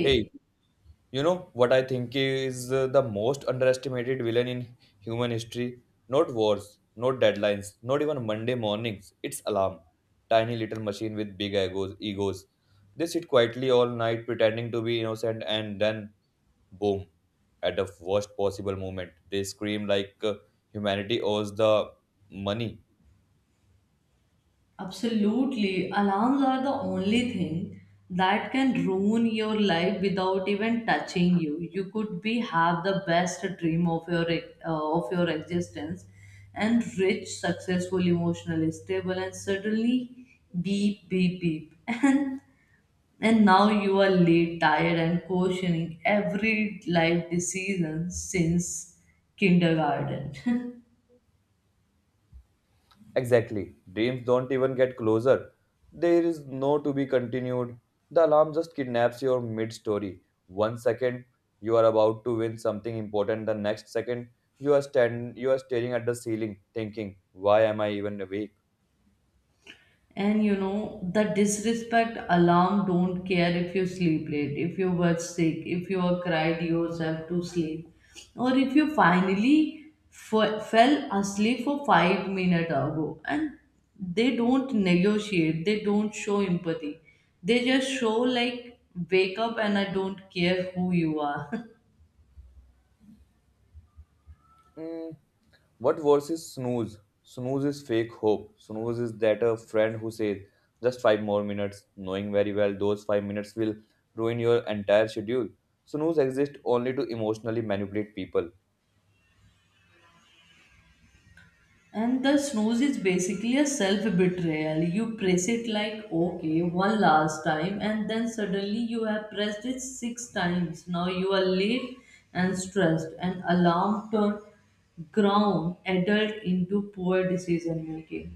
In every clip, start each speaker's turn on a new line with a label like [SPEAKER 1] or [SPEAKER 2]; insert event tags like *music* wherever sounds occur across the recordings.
[SPEAKER 1] Hey, you know what I think is the most underestimated villain in human history? Not wars, not deadlines, not even Monday mornings. It's alarm. Tiny little machine with big egos. They sit quietly all night pretending to be innocent and then boom, at the worst possible moment. They scream like humanity owes the money.
[SPEAKER 2] absolutely. Alarms are the only thing that can ruin your life without even touching you. You could be have the best dream of of your existence and rich, successful, emotionally stable, and suddenly beep, beep, beep, *laughs* and now you are late, tired, and questioning every life decision since kindergarten. *laughs*
[SPEAKER 1] Exactly. Dreams don't even get closer. There is no to be continued. The alarm just kidnaps your mid story. one second you are about to win something important, the next second you are staring at the ceiling thinking, why am I even awake?
[SPEAKER 2] And the disrespect alarm don't care if you sleep late, if you were sick, if you were cried yourself to sleep, or if you finally fell asleep for 5 minutes ago. And they don't negotiate, they don't show empathy. They just show like wake up and I don't care who you are. *laughs*
[SPEAKER 1] Mm, what worse is snooze? Snooze is fake hope. Snooze is that a friend who says just five more minutes, knowing very well those 5 minutes will ruin your entire schedule. Snooze exists only to emotionally manipulate people.
[SPEAKER 2] And the snooze is basically a self betrayal. You press it like, okay, one last time, and then suddenly you have pressed it six times. Now you are late and stressed, and alarm turned ground adult into poor decision making.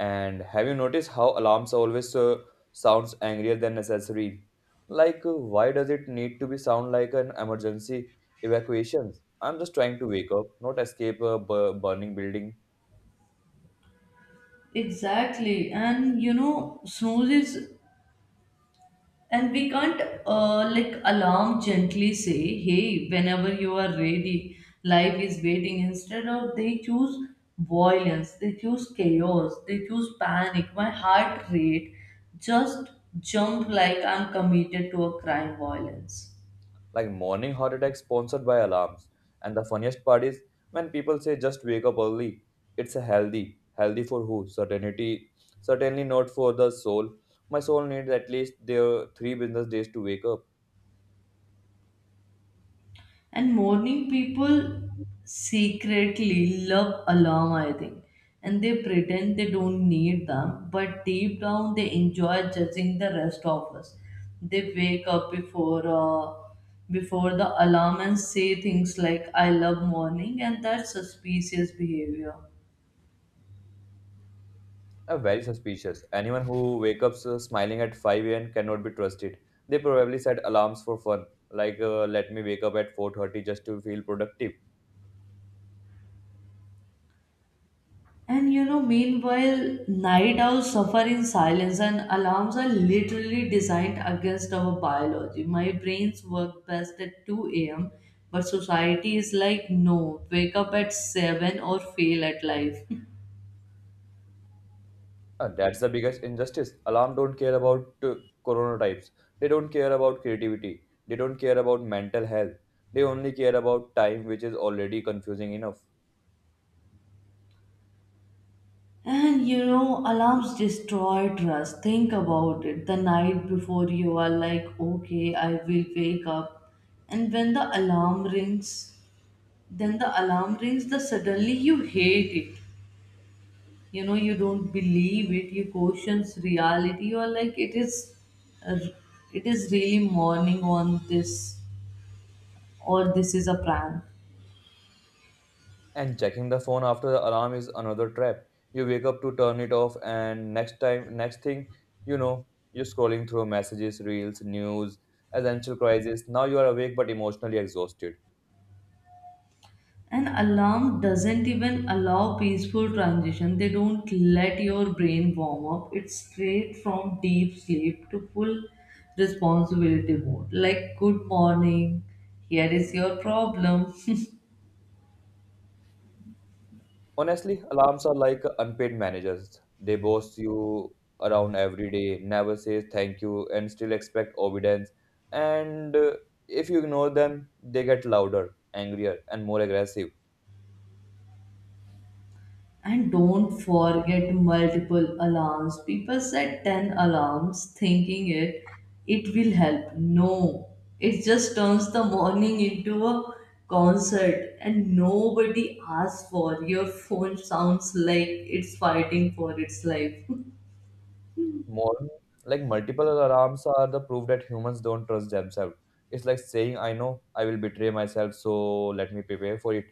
[SPEAKER 1] And have you noticed how alarms always sounds angrier than necessary? Like, why does it need to be sound like an emergency evacuation? I'm just trying to wake up, not escape a burning building.
[SPEAKER 2] Exactly, and snooze is. And we can't like alarm gently say, hey, whenever you are ready, life is waiting. Instead of they choose violence, they choose chaos, they choose panic. My heart rate just jumped like I'm committed to a crime violence.
[SPEAKER 1] Like morning heart attack sponsored by alarms. And the funniest part is when people say just wake up early. It's a healthy for who? Certainly not for the soul. My soul needs at least their three business days to wake up.
[SPEAKER 2] And morning people secretly love alarm, I think. And they pretend they don't need them, but deep down they enjoy judging the rest of us. They wake up before the alarm and say things like "I love morning" and that's suspicious behavior.
[SPEAKER 1] Are very suspicious. Anyone who wakes up smiling at 5 a.m. cannot be trusted. They probably set alarms for fun, like let me wake up at 4:30 just to feel productive.
[SPEAKER 2] And meanwhile, night owls suffer in silence, and alarms are literally designed against our biology. My brains work best at 2 a.m., but society is like, no, wake up at 7 or fail at life. *laughs*
[SPEAKER 1] That's the biggest injustice. Alarm don't care about chronotypes. They don't care about creativity. They don't care about mental health. They only care about time, which is already confusing enough.
[SPEAKER 2] And alarms destroy trust. Think about it. The night before you are like, okay, I will wake up. And when the alarm rings, then the alarm rings, the suddenly you hate it. You don't believe it. You questions reality. You are like it is, uh, it is really morning on this or this is a prank.
[SPEAKER 1] And checking the phone after the alarm is another trap. You wake up to turn it off, and next thing you know, you're scrolling through messages, reels, news, essential crisis. Now you are awake but emotionally exhausted.
[SPEAKER 2] An alarm doesn't even allow peaceful transition. They don't let your brain warm up. It's straight from deep sleep to full responsibility mode, like good morning, here is your problem.
[SPEAKER 1] Honestly, alarms are like unpaid managers. They boss you around every day, never says thank you, and still expect obedience. And if you ignore them, they get louder, angrier, and more aggressive.
[SPEAKER 2] And don't forget multiple alarms. People set 10 alarms thinking it will help. No. It just turns the morning into a concert and nobody asks for your phone sounds like it's fighting for its life.
[SPEAKER 1] More like multiple alarms are the proof that humans don't trust themselves. It's like saying, I know I will betray myself, so let me prepare for it.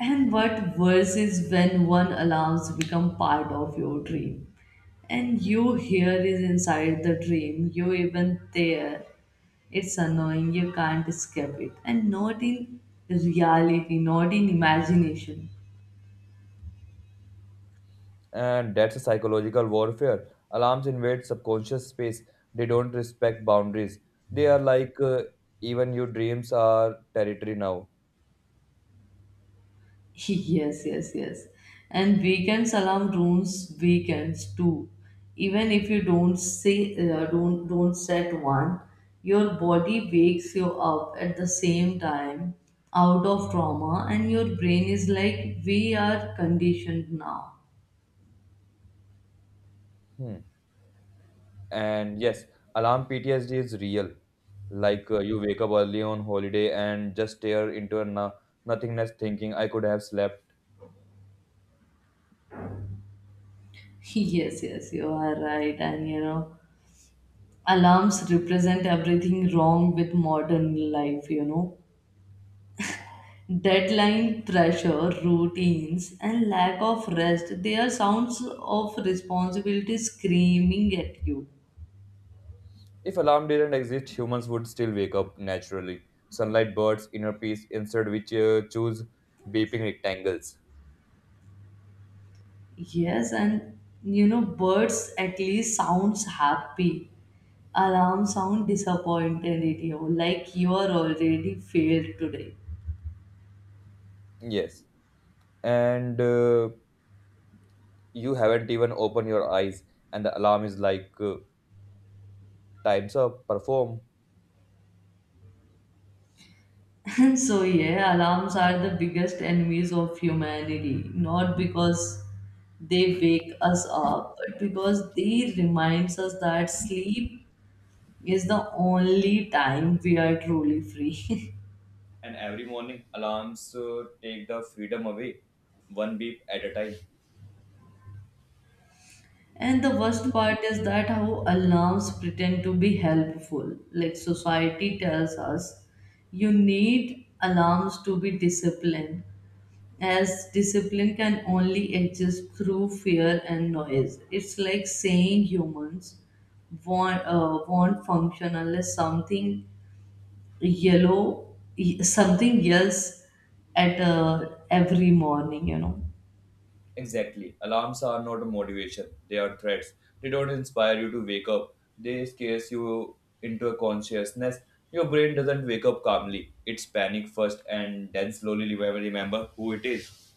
[SPEAKER 2] And what worse is when one allows to become part of your dream. And you here is inside the dream, you even there. It's annoying, you can't escape it. And not in reality, not in imagination.
[SPEAKER 1] And that's a psychological warfare. Alarms invade subconscious space, they don't respect boundaries. They are like, even your dreams are territory now.
[SPEAKER 2] *laughs* Yes, yes, yes. And weekends alarm rooms weekends too. Even if you don't say don't set one, your body wakes you up at the same time out of trauma and your brain is like we are conditioned now.
[SPEAKER 1] Hmm. And yes, alarm PTSD is real. You wake up early on holiday and just stare into a nothingness thinking, I could have slept.
[SPEAKER 2] *laughs* Yes, yes, you are right. And alarms represent everything wrong with modern life. Deadline pressure, routines, and lack of rest, they are sounds of responsibility screaming at you.
[SPEAKER 1] If alarm didn't exist, humans would still wake up naturally. Sunlight, birds, inner peace, instead which choose beeping rectangles.
[SPEAKER 2] Yes, and birds at least sounds happy. Alarm sound disappointed at you, like you are already failed today.
[SPEAKER 1] Yes. And you haven't even opened your eyes, and the alarm is like, time's up, perform.
[SPEAKER 2] *laughs* And so yeah, alarms are the biggest enemies of humanity, not because they wake us up, but because they reminds us that sleep is the only time we are truly free.
[SPEAKER 1] And every morning, alarms take the freedom away, one beep at a time.
[SPEAKER 2] *laughs* And the worst part is that how alarms pretend to be helpful. Like society tells us, you need alarms to be disciplined, as discipline can only exist through fear and noise. It's like saying humans want function unless something yellow, something yells at every morning.
[SPEAKER 1] Exactly. Alarms are not a motivation, they are threats. They don't inspire you to wake up, they scare you into a consciousness. Your brain doesn't wake up calmly, it's panic first and then slowly remember who it is.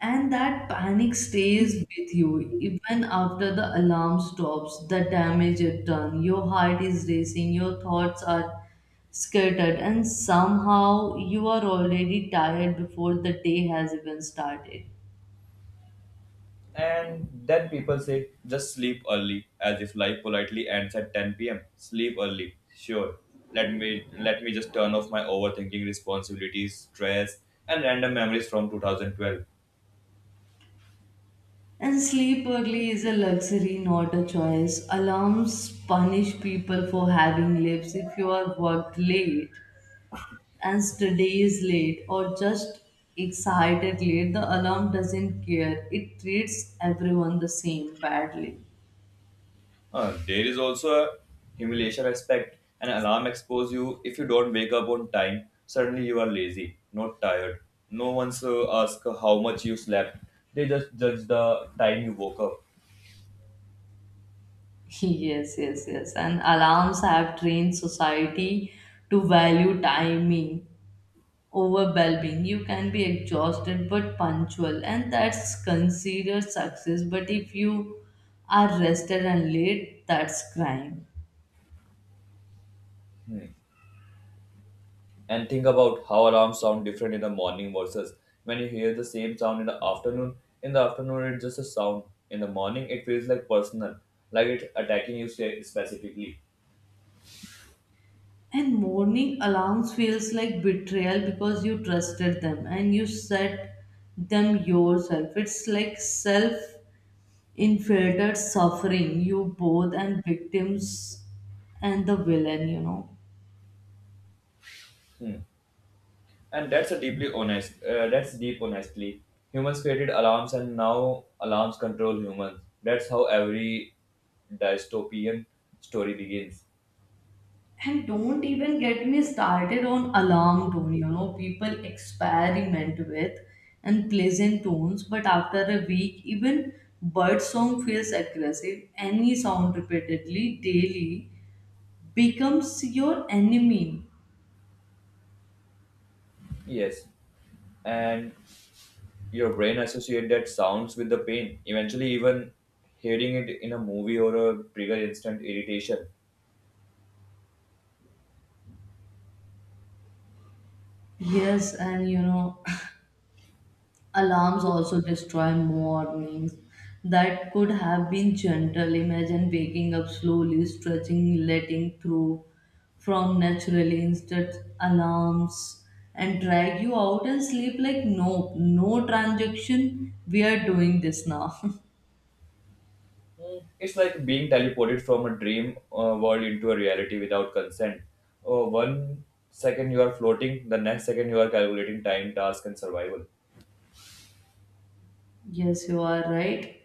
[SPEAKER 2] And that panic stays with you even after the alarm stops, the damage it done. Your heart is racing, your thoughts are scattered, and somehow you are already tired before the day has even started.
[SPEAKER 1] And then people say, just sleep early, as if life politely ends at 10 pm. Sleep early. Sure. Let me just turn off my overthinking responsibilities, stress, and random memories from 2012.
[SPEAKER 2] And sleep early is a luxury, not a choice. Alarms punish people for having lives if you are worked late, and studies late or just excited late, the alarm doesn't care. It treats everyone the same badly.
[SPEAKER 1] There is also a humiliation aspect. An alarm expose you if you don't wake up on time. Suddenly you are lazy, not tired. No one's ask how much you slept. They just judge the time you woke up.
[SPEAKER 2] *laughs* Yes, yes, yes. And alarms have trained society to value timing over well being. You can be exhausted but punctual, and that's considered success. But if you are rested and late, that's crime.
[SPEAKER 1] Hmm. And think about how alarms sound different in the morning versus when you hear the same sound in the afternoon. In the afternoon, it's just a sound. In the morning, it feels like personal, like it's attacking you specifically.
[SPEAKER 2] And morning alarms feels like betrayal because you trusted them and you set them yourself. It's like self-inflicted suffering, you both and victims and the villain.
[SPEAKER 1] Hmm. And that's a deeply honest. That's deep honestly. Humans created alarms, and now alarms control humans. That's how every dystopian story begins.
[SPEAKER 2] And don't even get me started on alarm tone, people experiment with and pleasant tones, but after a week, even bird song feels aggressive. Any sound repeatedly daily becomes your enemy.
[SPEAKER 1] Yes, and your brain associate that sounds with the pain. Eventually, even hearing it in a movie or a trigger instant irritation.
[SPEAKER 2] Yes, and *coughs* *laughs* alarms also destroy mornings that could have been gentle. Imagine waking up slowly, stretching, letting through from naturally instead alarms and drag you out and sleep like nope, no transaction. We are doing this now.
[SPEAKER 1] Mm. It's like being teleported from a dream world into a reality without consent. Oh, one second you are floating, the next second you are calculating time, task, and survival.
[SPEAKER 2] *laughs* Yes, you are right.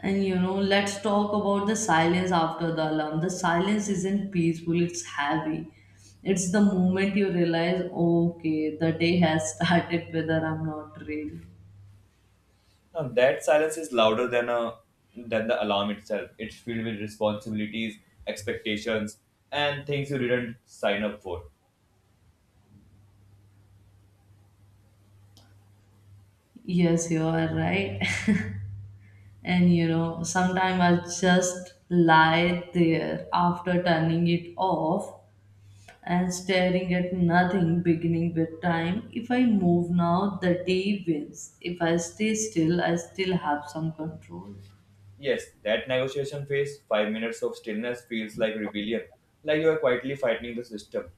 [SPEAKER 2] And let's talk about the silence after the alarm. The silence isn't peaceful, it's heavy. It's the moment you realize, okay, the day has *laughs* started whether I'm not ready.
[SPEAKER 1] Now, that silence is louder than a than the alarm itself. It's filled with responsibilities, expectations, and things you didn't sign up for.
[SPEAKER 2] Yes, you are right. *laughs* And sometimes I just lie there after turning it off and staring at nothing beginning with time. If I move now, the day wins. If I stay still, I still have some control.
[SPEAKER 1] Yes, that negotiation phase, 5 minutes of stillness, feels like rebellion, like you are quietly fighting the system.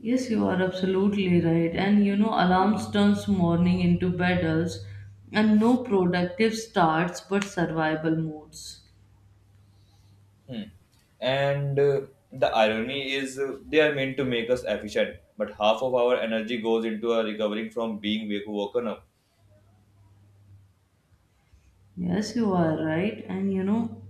[SPEAKER 2] Yes, you are absolutely right. And alarms turns morning into battles, and no productive starts but survival modes.
[SPEAKER 1] Hmm. And the irony is, they are meant to make us efficient, but half of our energy goes into a recovering from being woken up.
[SPEAKER 2] Yes, you are right. And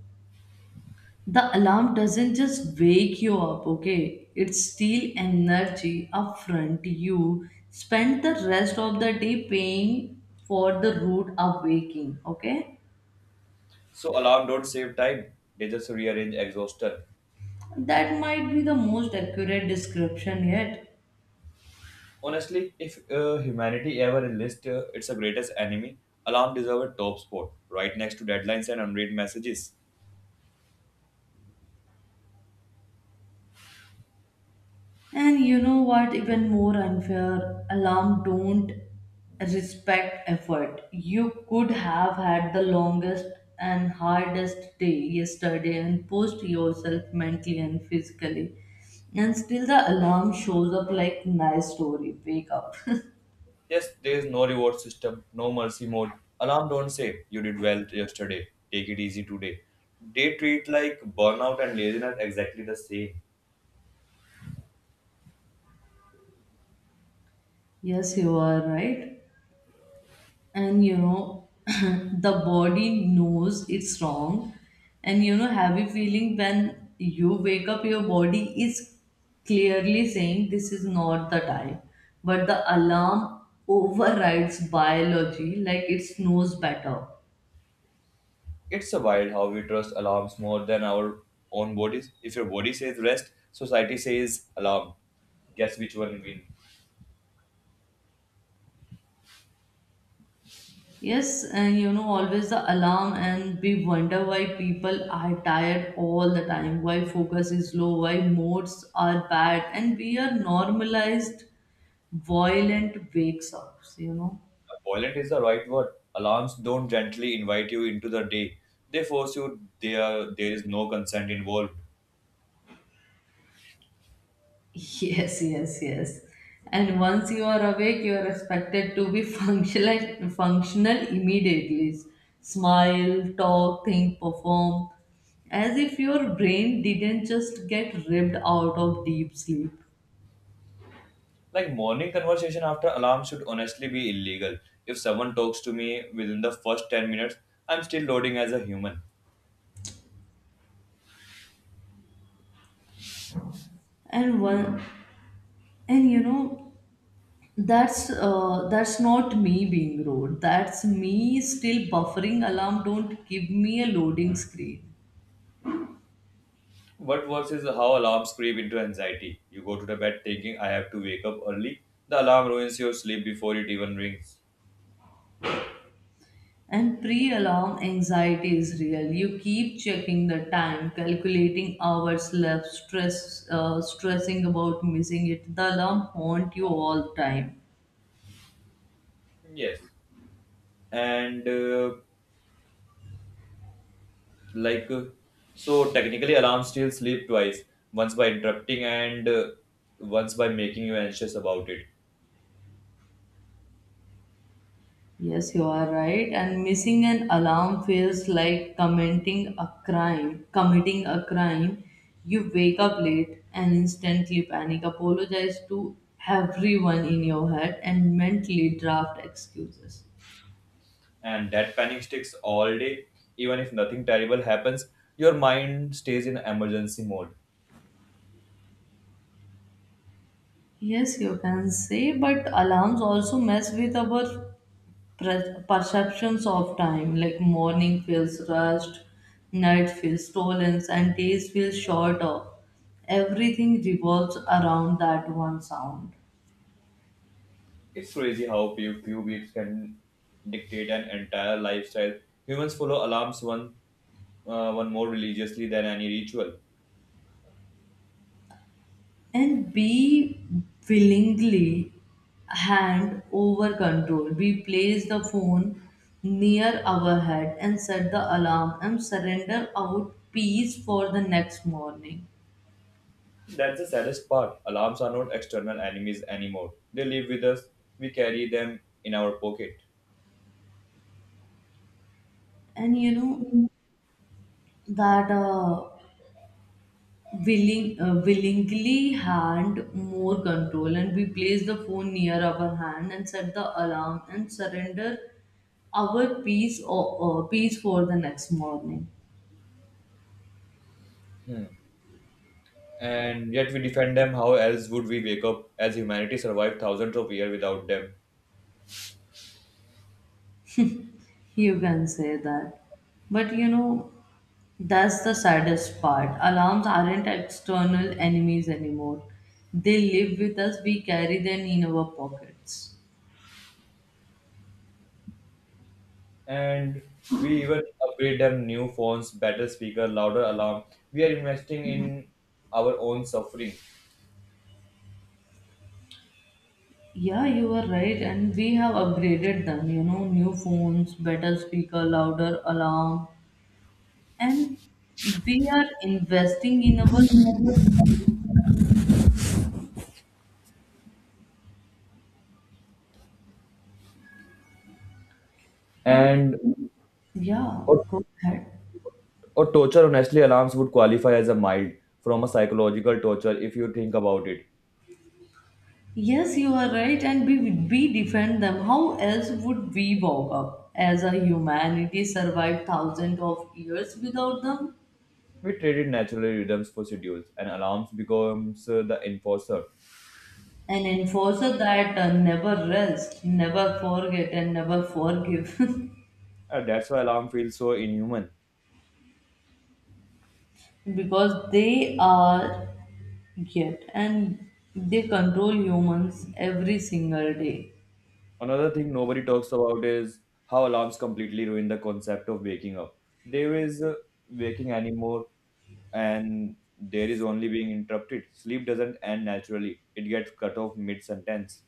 [SPEAKER 2] the alarm doesn't just wake you up, okay? It steals energy upfront. You spend the rest of the day paying for the rude awaking, okay?
[SPEAKER 1] So alarm don't save time; they just rearrange exhaustion.
[SPEAKER 2] That might be the most accurate description yet.
[SPEAKER 1] Honestly, if humanity ever enlists its greatest enemy, alarm deserves a top spot, right next to deadlines and unread messages.
[SPEAKER 2] And you know what, even more unfair, alarm don't respect effort. You could have had the longest and hardest day yesterday and post yourself mentally and physically. And still the alarm shows up like nice story, wake up.
[SPEAKER 1] Yes, there is no reward system, no mercy mode. Alarm don't say, you did well yesterday, take it easy today. They treat like burnout and laziness exactly the same.
[SPEAKER 2] *laughs* Yes, you are right. And *laughs* the body knows it's wrong. And have you feeling when you wake up, your body is clearly saying this is not the time, but the alarm overrides biology, like it knows better.
[SPEAKER 1] It's a wild how we trust alarms more than our own bodies. If your body says rest, society says alarm. Guess which one wins?
[SPEAKER 2] Yes, and always the alarm. And we wonder why people are tired all the time, why focus is low, why moods are bad, and we are normalized violent wakes up. *laughs*
[SPEAKER 1] Violent is the right word. Alarms don't gently invite you into the day. They force you there there is no consent involved.
[SPEAKER 2] Yes, yes, yes. And once you are awake, you are expected to be *laughs* functional immediately. Smile, talk, think, perform, as if your brain didn't just get ripped out of deep sleep.
[SPEAKER 1] Like morning conversation after alarm should honestly be illegal. If someone talks to me within the first 10 minutes, I'm still loading as a human.
[SPEAKER 2] And one, and that's not me being rude. That's me still buffering. Alarm, don't give me a loading screen.
[SPEAKER 1] What worse is how alarms creep into anxiety. You go to the bed thinking I have to wake up early. The alarm ruins your sleep before it even rings.
[SPEAKER 2] And pre alarm anxiety is real. You keep checking the time, calculating hours left, stressing about missing it. The alarm haunt you all the time.
[SPEAKER 1] Yes. And like uh, so technically alarms still sleep twice, once by interrupting and once by making you anxious about it,
[SPEAKER 2] Yes, you are right. And missing an alarm feels like committing a crime. Committing a crime, you wake up late and instantly panic, apologize to everyone in your head, and mentally draft excuses.
[SPEAKER 1] and that panic sticks all day even if nothing terrible happens, your mind stays in emergency mode.
[SPEAKER 2] Yes, you can say, but alarms also mess with our perceptions of time. Like morning feels rushed, night feels stolen, and days feel shorter. Everything revolves around that one sound.
[SPEAKER 1] It's crazy how few weeks can dictate an entire lifestyle. Humans follow alarms one more religiously than any ritual.
[SPEAKER 2] And we willingly hand over control. We place the phone near our head and set the alarm and surrender out peace for the next morning.
[SPEAKER 1] That's the saddest part. Alarms are not external enemies anymore. They live with us. We carry them in our pocket.
[SPEAKER 2] And that willing willingly hand more control and we place the phone near our hand and set the alarm and surrender our peace or peace for the next morning.
[SPEAKER 1] Hmm. And yet we defend them. How else would we wake up as humanity survived thousands of years without them?
[SPEAKER 2] You can say that, but that's the saddest part. Alarms aren't external enemies anymore. They live with us. We carry them in our pockets.
[SPEAKER 1] And we even upgrade them new phones, better speaker, louder alarm. We are investing in our own suffering.
[SPEAKER 2] Yeah, you are right, and we have upgraded them, new phones, better speaker, louder alarm, and we are investing in our. And
[SPEAKER 1] And
[SPEAKER 2] yeah,
[SPEAKER 1] or,
[SPEAKER 2] go ahead.
[SPEAKER 1] or torture, honestly, alarms would qualify as a mild from a psychological torture if you think about it.
[SPEAKER 2] Yes, you are right, and we defend them. How else would we walk up as a humanity survive thousands of years without them?
[SPEAKER 1] We traded natural rhythms for schedules, and alarms becomes the enforcer.
[SPEAKER 2] An enforcer that never rest, never forget, and never forgive, *laughs*
[SPEAKER 1] And that's why alarm feels so inhuman.
[SPEAKER 2] because they are. Yet, and they control humans every single day.
[SPEAKER 1] Another thing nobody talks about is how alarms completely ruin the concept of waking up. There is waking anymore, and there is only being interrupted. Sleep doesn't end naturally, it gets cut off mid sentence,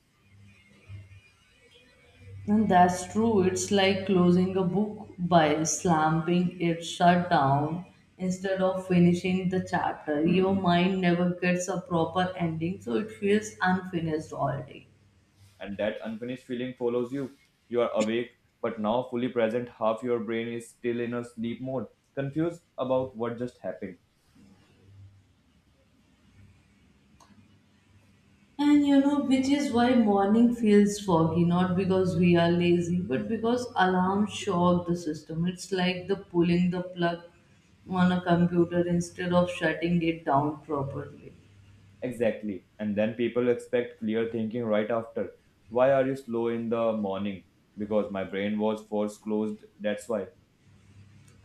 [SPEAKER 2] And that's true. It's like closing a book by slamming it shut down instead of finishing the chapter. Your mind never gets a proper ending, so it feels unfinished all day.
[SPEAKER 1] and that unfinished feeling follows you. You are awake, but now fully present, half your brain is still in a sleep mode, confused about what just happened.
[SPEAKER 2] And which is why morning feels foggy, not because we are lazy, but because alarms shock the system. It's like the pulling the plug on a computer instead of shutting it down properly.
[SPEAKER 1] Exactly. And then people expect clear thinking right after. Why are you slow in the morning? Because my brain was force closed, that's why.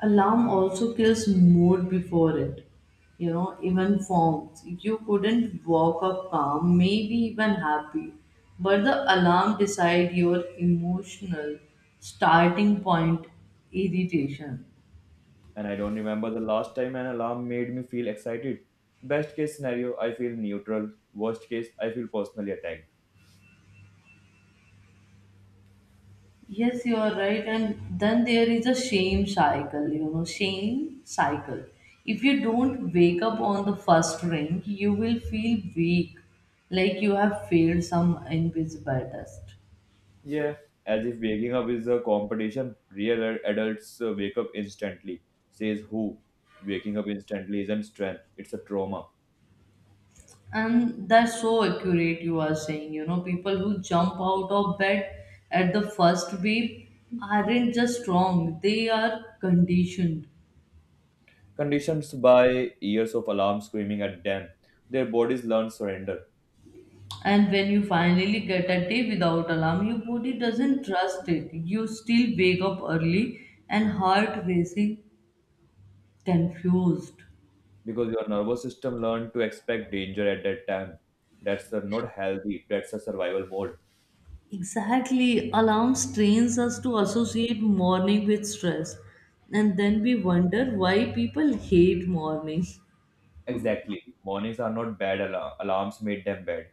[SPEAKER 2] Alarm also kills mood before it. Even forms. You couldn't walk up calm, maybe even happy, but the alarm decide your emotional starting point irritation.
[SPEAKER 1] And I don't remember the last time an alarm made me feel excited. Best case scenario, I feel neutral. Worst case, I feel personally attacked.
[SPEAKER 2] Yes, you are right. And then there is a shame cycle, shame cycle. If you don't wake up on the first ring, you will feel weak, like you have failed some invisible test.
[SPEAKER 1] Yeah, as if waking up is a competition. Real adults wake up instantly. Says who? Waking up instantly isn't strength, it's a trauma.
[SPEAKER 2] And that's so accurate, you are saying. You know, people who jump out of bed at the first wave aren't just strong, they are conditioned.
[SPEAKER 1] Conditions by years of alarm screaming at them. Their bodies learn surrender
[SPEAKER 2] And when you finally get a day without alarm, your body doesn't trust it. You still wake up early and heart racing, confused.
[SPEAKER 1] because your nervous system learned to expect danger at that time. That's the not healthy. That's a survival mode.
[SPEAKER 2] Exactly, alarms trains us to associate morning with stress, and then we wonder why people hate morning.
[SPEAKER 1] Exactly. Mornings are not bad alarm. Alarms made them bad.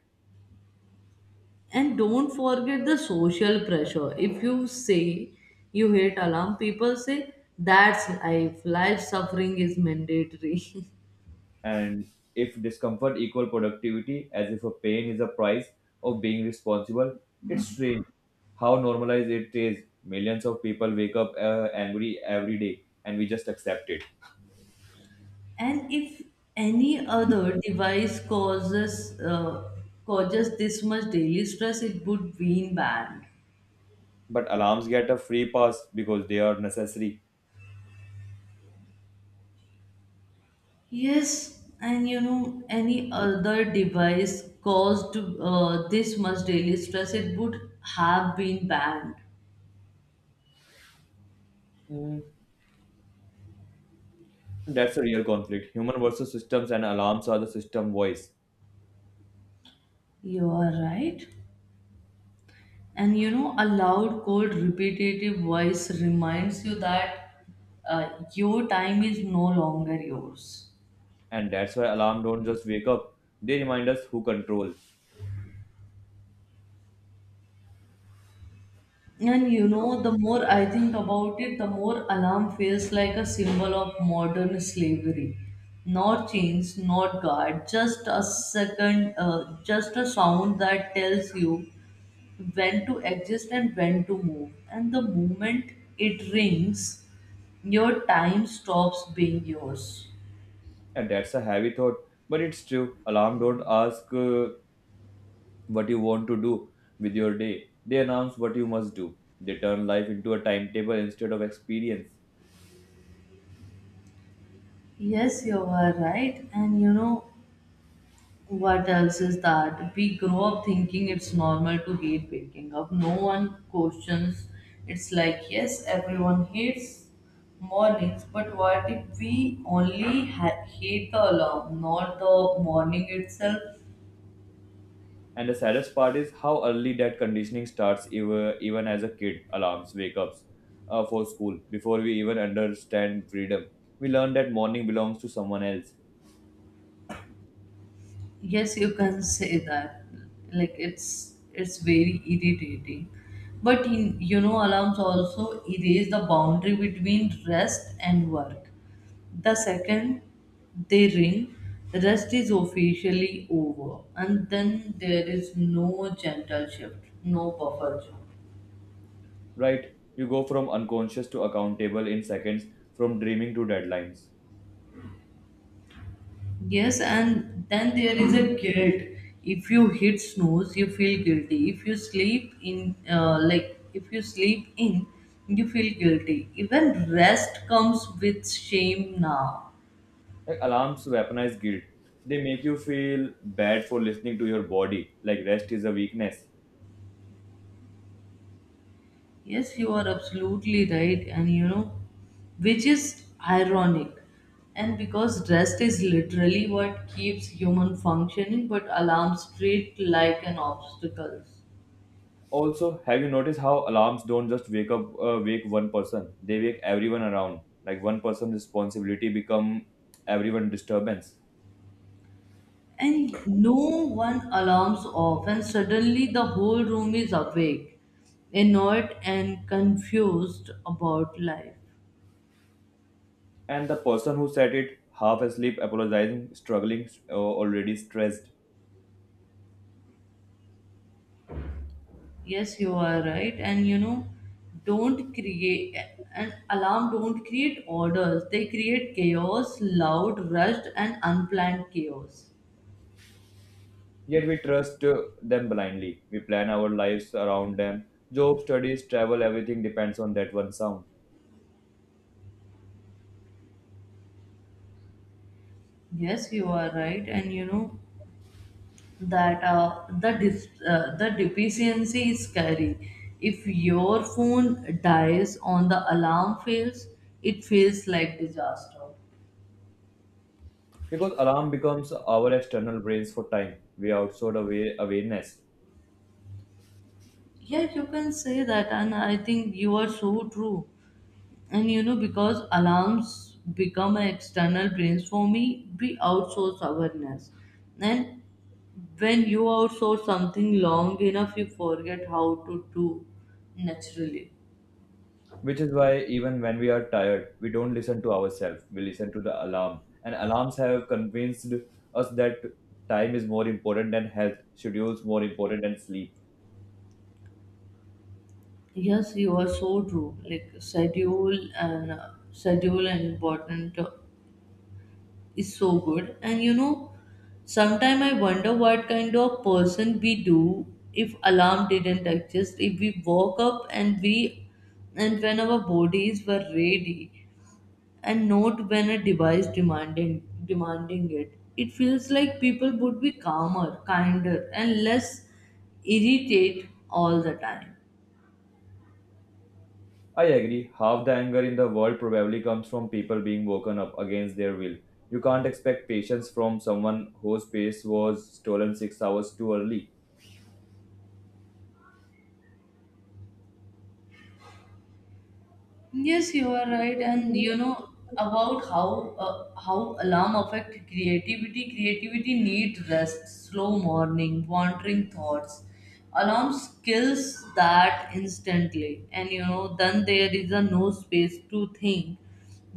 [SPEAKER 2] And don't forget the social pressure. If you say you hate alarm, people say that's life. Life suffering is mandatory. *laughs*
[SPEAKER 1] And if discomfort equal productivity, as if a pain is a price of being responsible, it's strange how normalized it is. Millions of people wake up angry every day, and we just accept it.
[SPEAKER 2] And if any other device causes causes this much daily stress, it would be banned.
[SPEAKER 1] But alarms get a free pass because they are necessary.
[SPEAKER 2] Yes, and you know, any other device caused this much daily stress, it would have been banned.
[SPEAKER 1] Mm. That's a real conflict. Human versus systems and alarms are the system voice.
[SPEAKER 2] You are right. And you know, a loud, cold, repetitive voice reminds you that your time is no longer yours.
[SPEAKER 1] And that's why alarm don't just wake up. They remind us who control.
[SPEAKER 2] And you know, the more I think about it, the more alarm feels like a symbol of modern slavery. Not chains, not guard, just a second, just a sound that tells you when to exist and when to move. And the moment it rings, your time stops being yours.
[SPEAKER 1] And that's a heavy thought, but it's true. Alarm don't ask what you want to do with your day. They announce what you must do. They turn life into a timetable instead of experience.
[SPEAKER 2] Yes, you are right. And you know, what else is that we grow up thinking it's normal to hate waking up, no one questions, it's like yes everyone hates mornings, but what if we only hate the alarm, not the morning itself?
[SPEAKER 1] And the saddest part is how early that conditioning starts, even as a kid. Alarms, wake ups for school, before we even understand freedom. We learn that morning belongs to someone else,
[SPEAKER 2] Yes, you can say that. Like it's very irritating. But in, you know, alarms also erase the boundary between rest and work. The second they ring, rest is officially over, and then there is no gentle shift, no buffer zone.
[SPEAKER 1] right? You go from unconscious to accountable in seconds, from dreaming to deadlines.
[SPEAKER 2] Yes, and then there is a guilt. If you hit snooze, you feel guilty. If you sleep in, like if you sleep in, you feel guilty. Even rest comes with shame now.
[SPEAKER 1] Like alarms weaponize guilt. They make you feel bad for listening to your body, like rest is a weakness.
[SPEAKER 2] Yes, you are absolutely right, and you know, which is ironic. And because rest is literally what keeps human functioning, but alarms treat like an obstacle.
[SPEAKER 1] Also, have you noticed how alarms don't just wake one person? They wake everyone around. Like one person responsibility become everyone disturbance.
[SPEAKER 2] And no one alarms off and suddenly the whole room is awake, annoyed and confused about life.
[SPEAKER 1] And the person who set it half asleep, apologizing, struggling, already stressed.
[SPEAKER 2] Yes, you are right, and you know, don't create an alarm, don't create orders, they create chaos, loud, rushed and unplanned chaos.
[SPEAKER 1] Yet we trust them blindly. We plan our lives around them. Job, studies, travel, everything depends on that one sound.
[SPEAKER 2] Yes, you are right, and you know that the deficiency is scary. If your phone dies on the alarm fails, it feels like disaster.
[SPEAKER 1] Because alarm becomes our external brains for time. We outsource away awareness.
[SPEAKER 2] Yeah, you can say that, and I think you are so true. And you know, because alarms become an external brains for me, we outsource awareness. And when you outsource something long enough, you forget how to do naturally.
[SPEAKER 1] Which is why even when we are tired, we don't listen to ourselves. We listen to the alarm. And alarms have convinced us that time is more important than health, schedules more important than sleep.
[SPEAKER 2] Yes, you are so true. Like schedule and schedule and important is so good. And you know, sometimes I wonder what kind of person we do if alarm didn't exist. If we woke up and we and when our bodies were ready, and not when a device demanding it. It feels like people would be calmer, kinder, and less irritate all the time.
[SPEAKER 1] I agree, half the anger in the world probably comes from people being woken up against their will. You can't expect patience from someone whose pace was stolen 6 hours too early.
[SPEAKER 2] Yes, you are right, and you know about how alarm affect creativity. Creativity need rest, slow morning, wandering thoughts. Alarm kills that instantly, and you know then there is a no space to think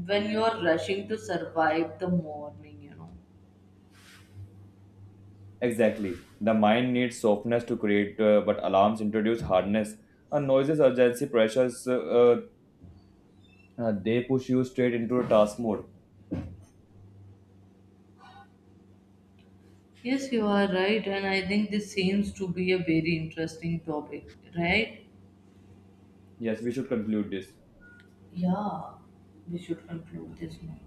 [SPEAKER 2] when you are rushing to survive the morning. You know.
[SPEAKER 1] Exactly. The mind needs softness to create, but alarms introduce hardness. And noises, urgency, pressures they push you straight into a task mode.
[SPEAKER 2] Yes, you are right, and I think this seems to be a very interesting topic, right?
[SPEAKER 1] Yes, we should conclude this.
[SPEAKER 2] Yeah, we should conclude this now.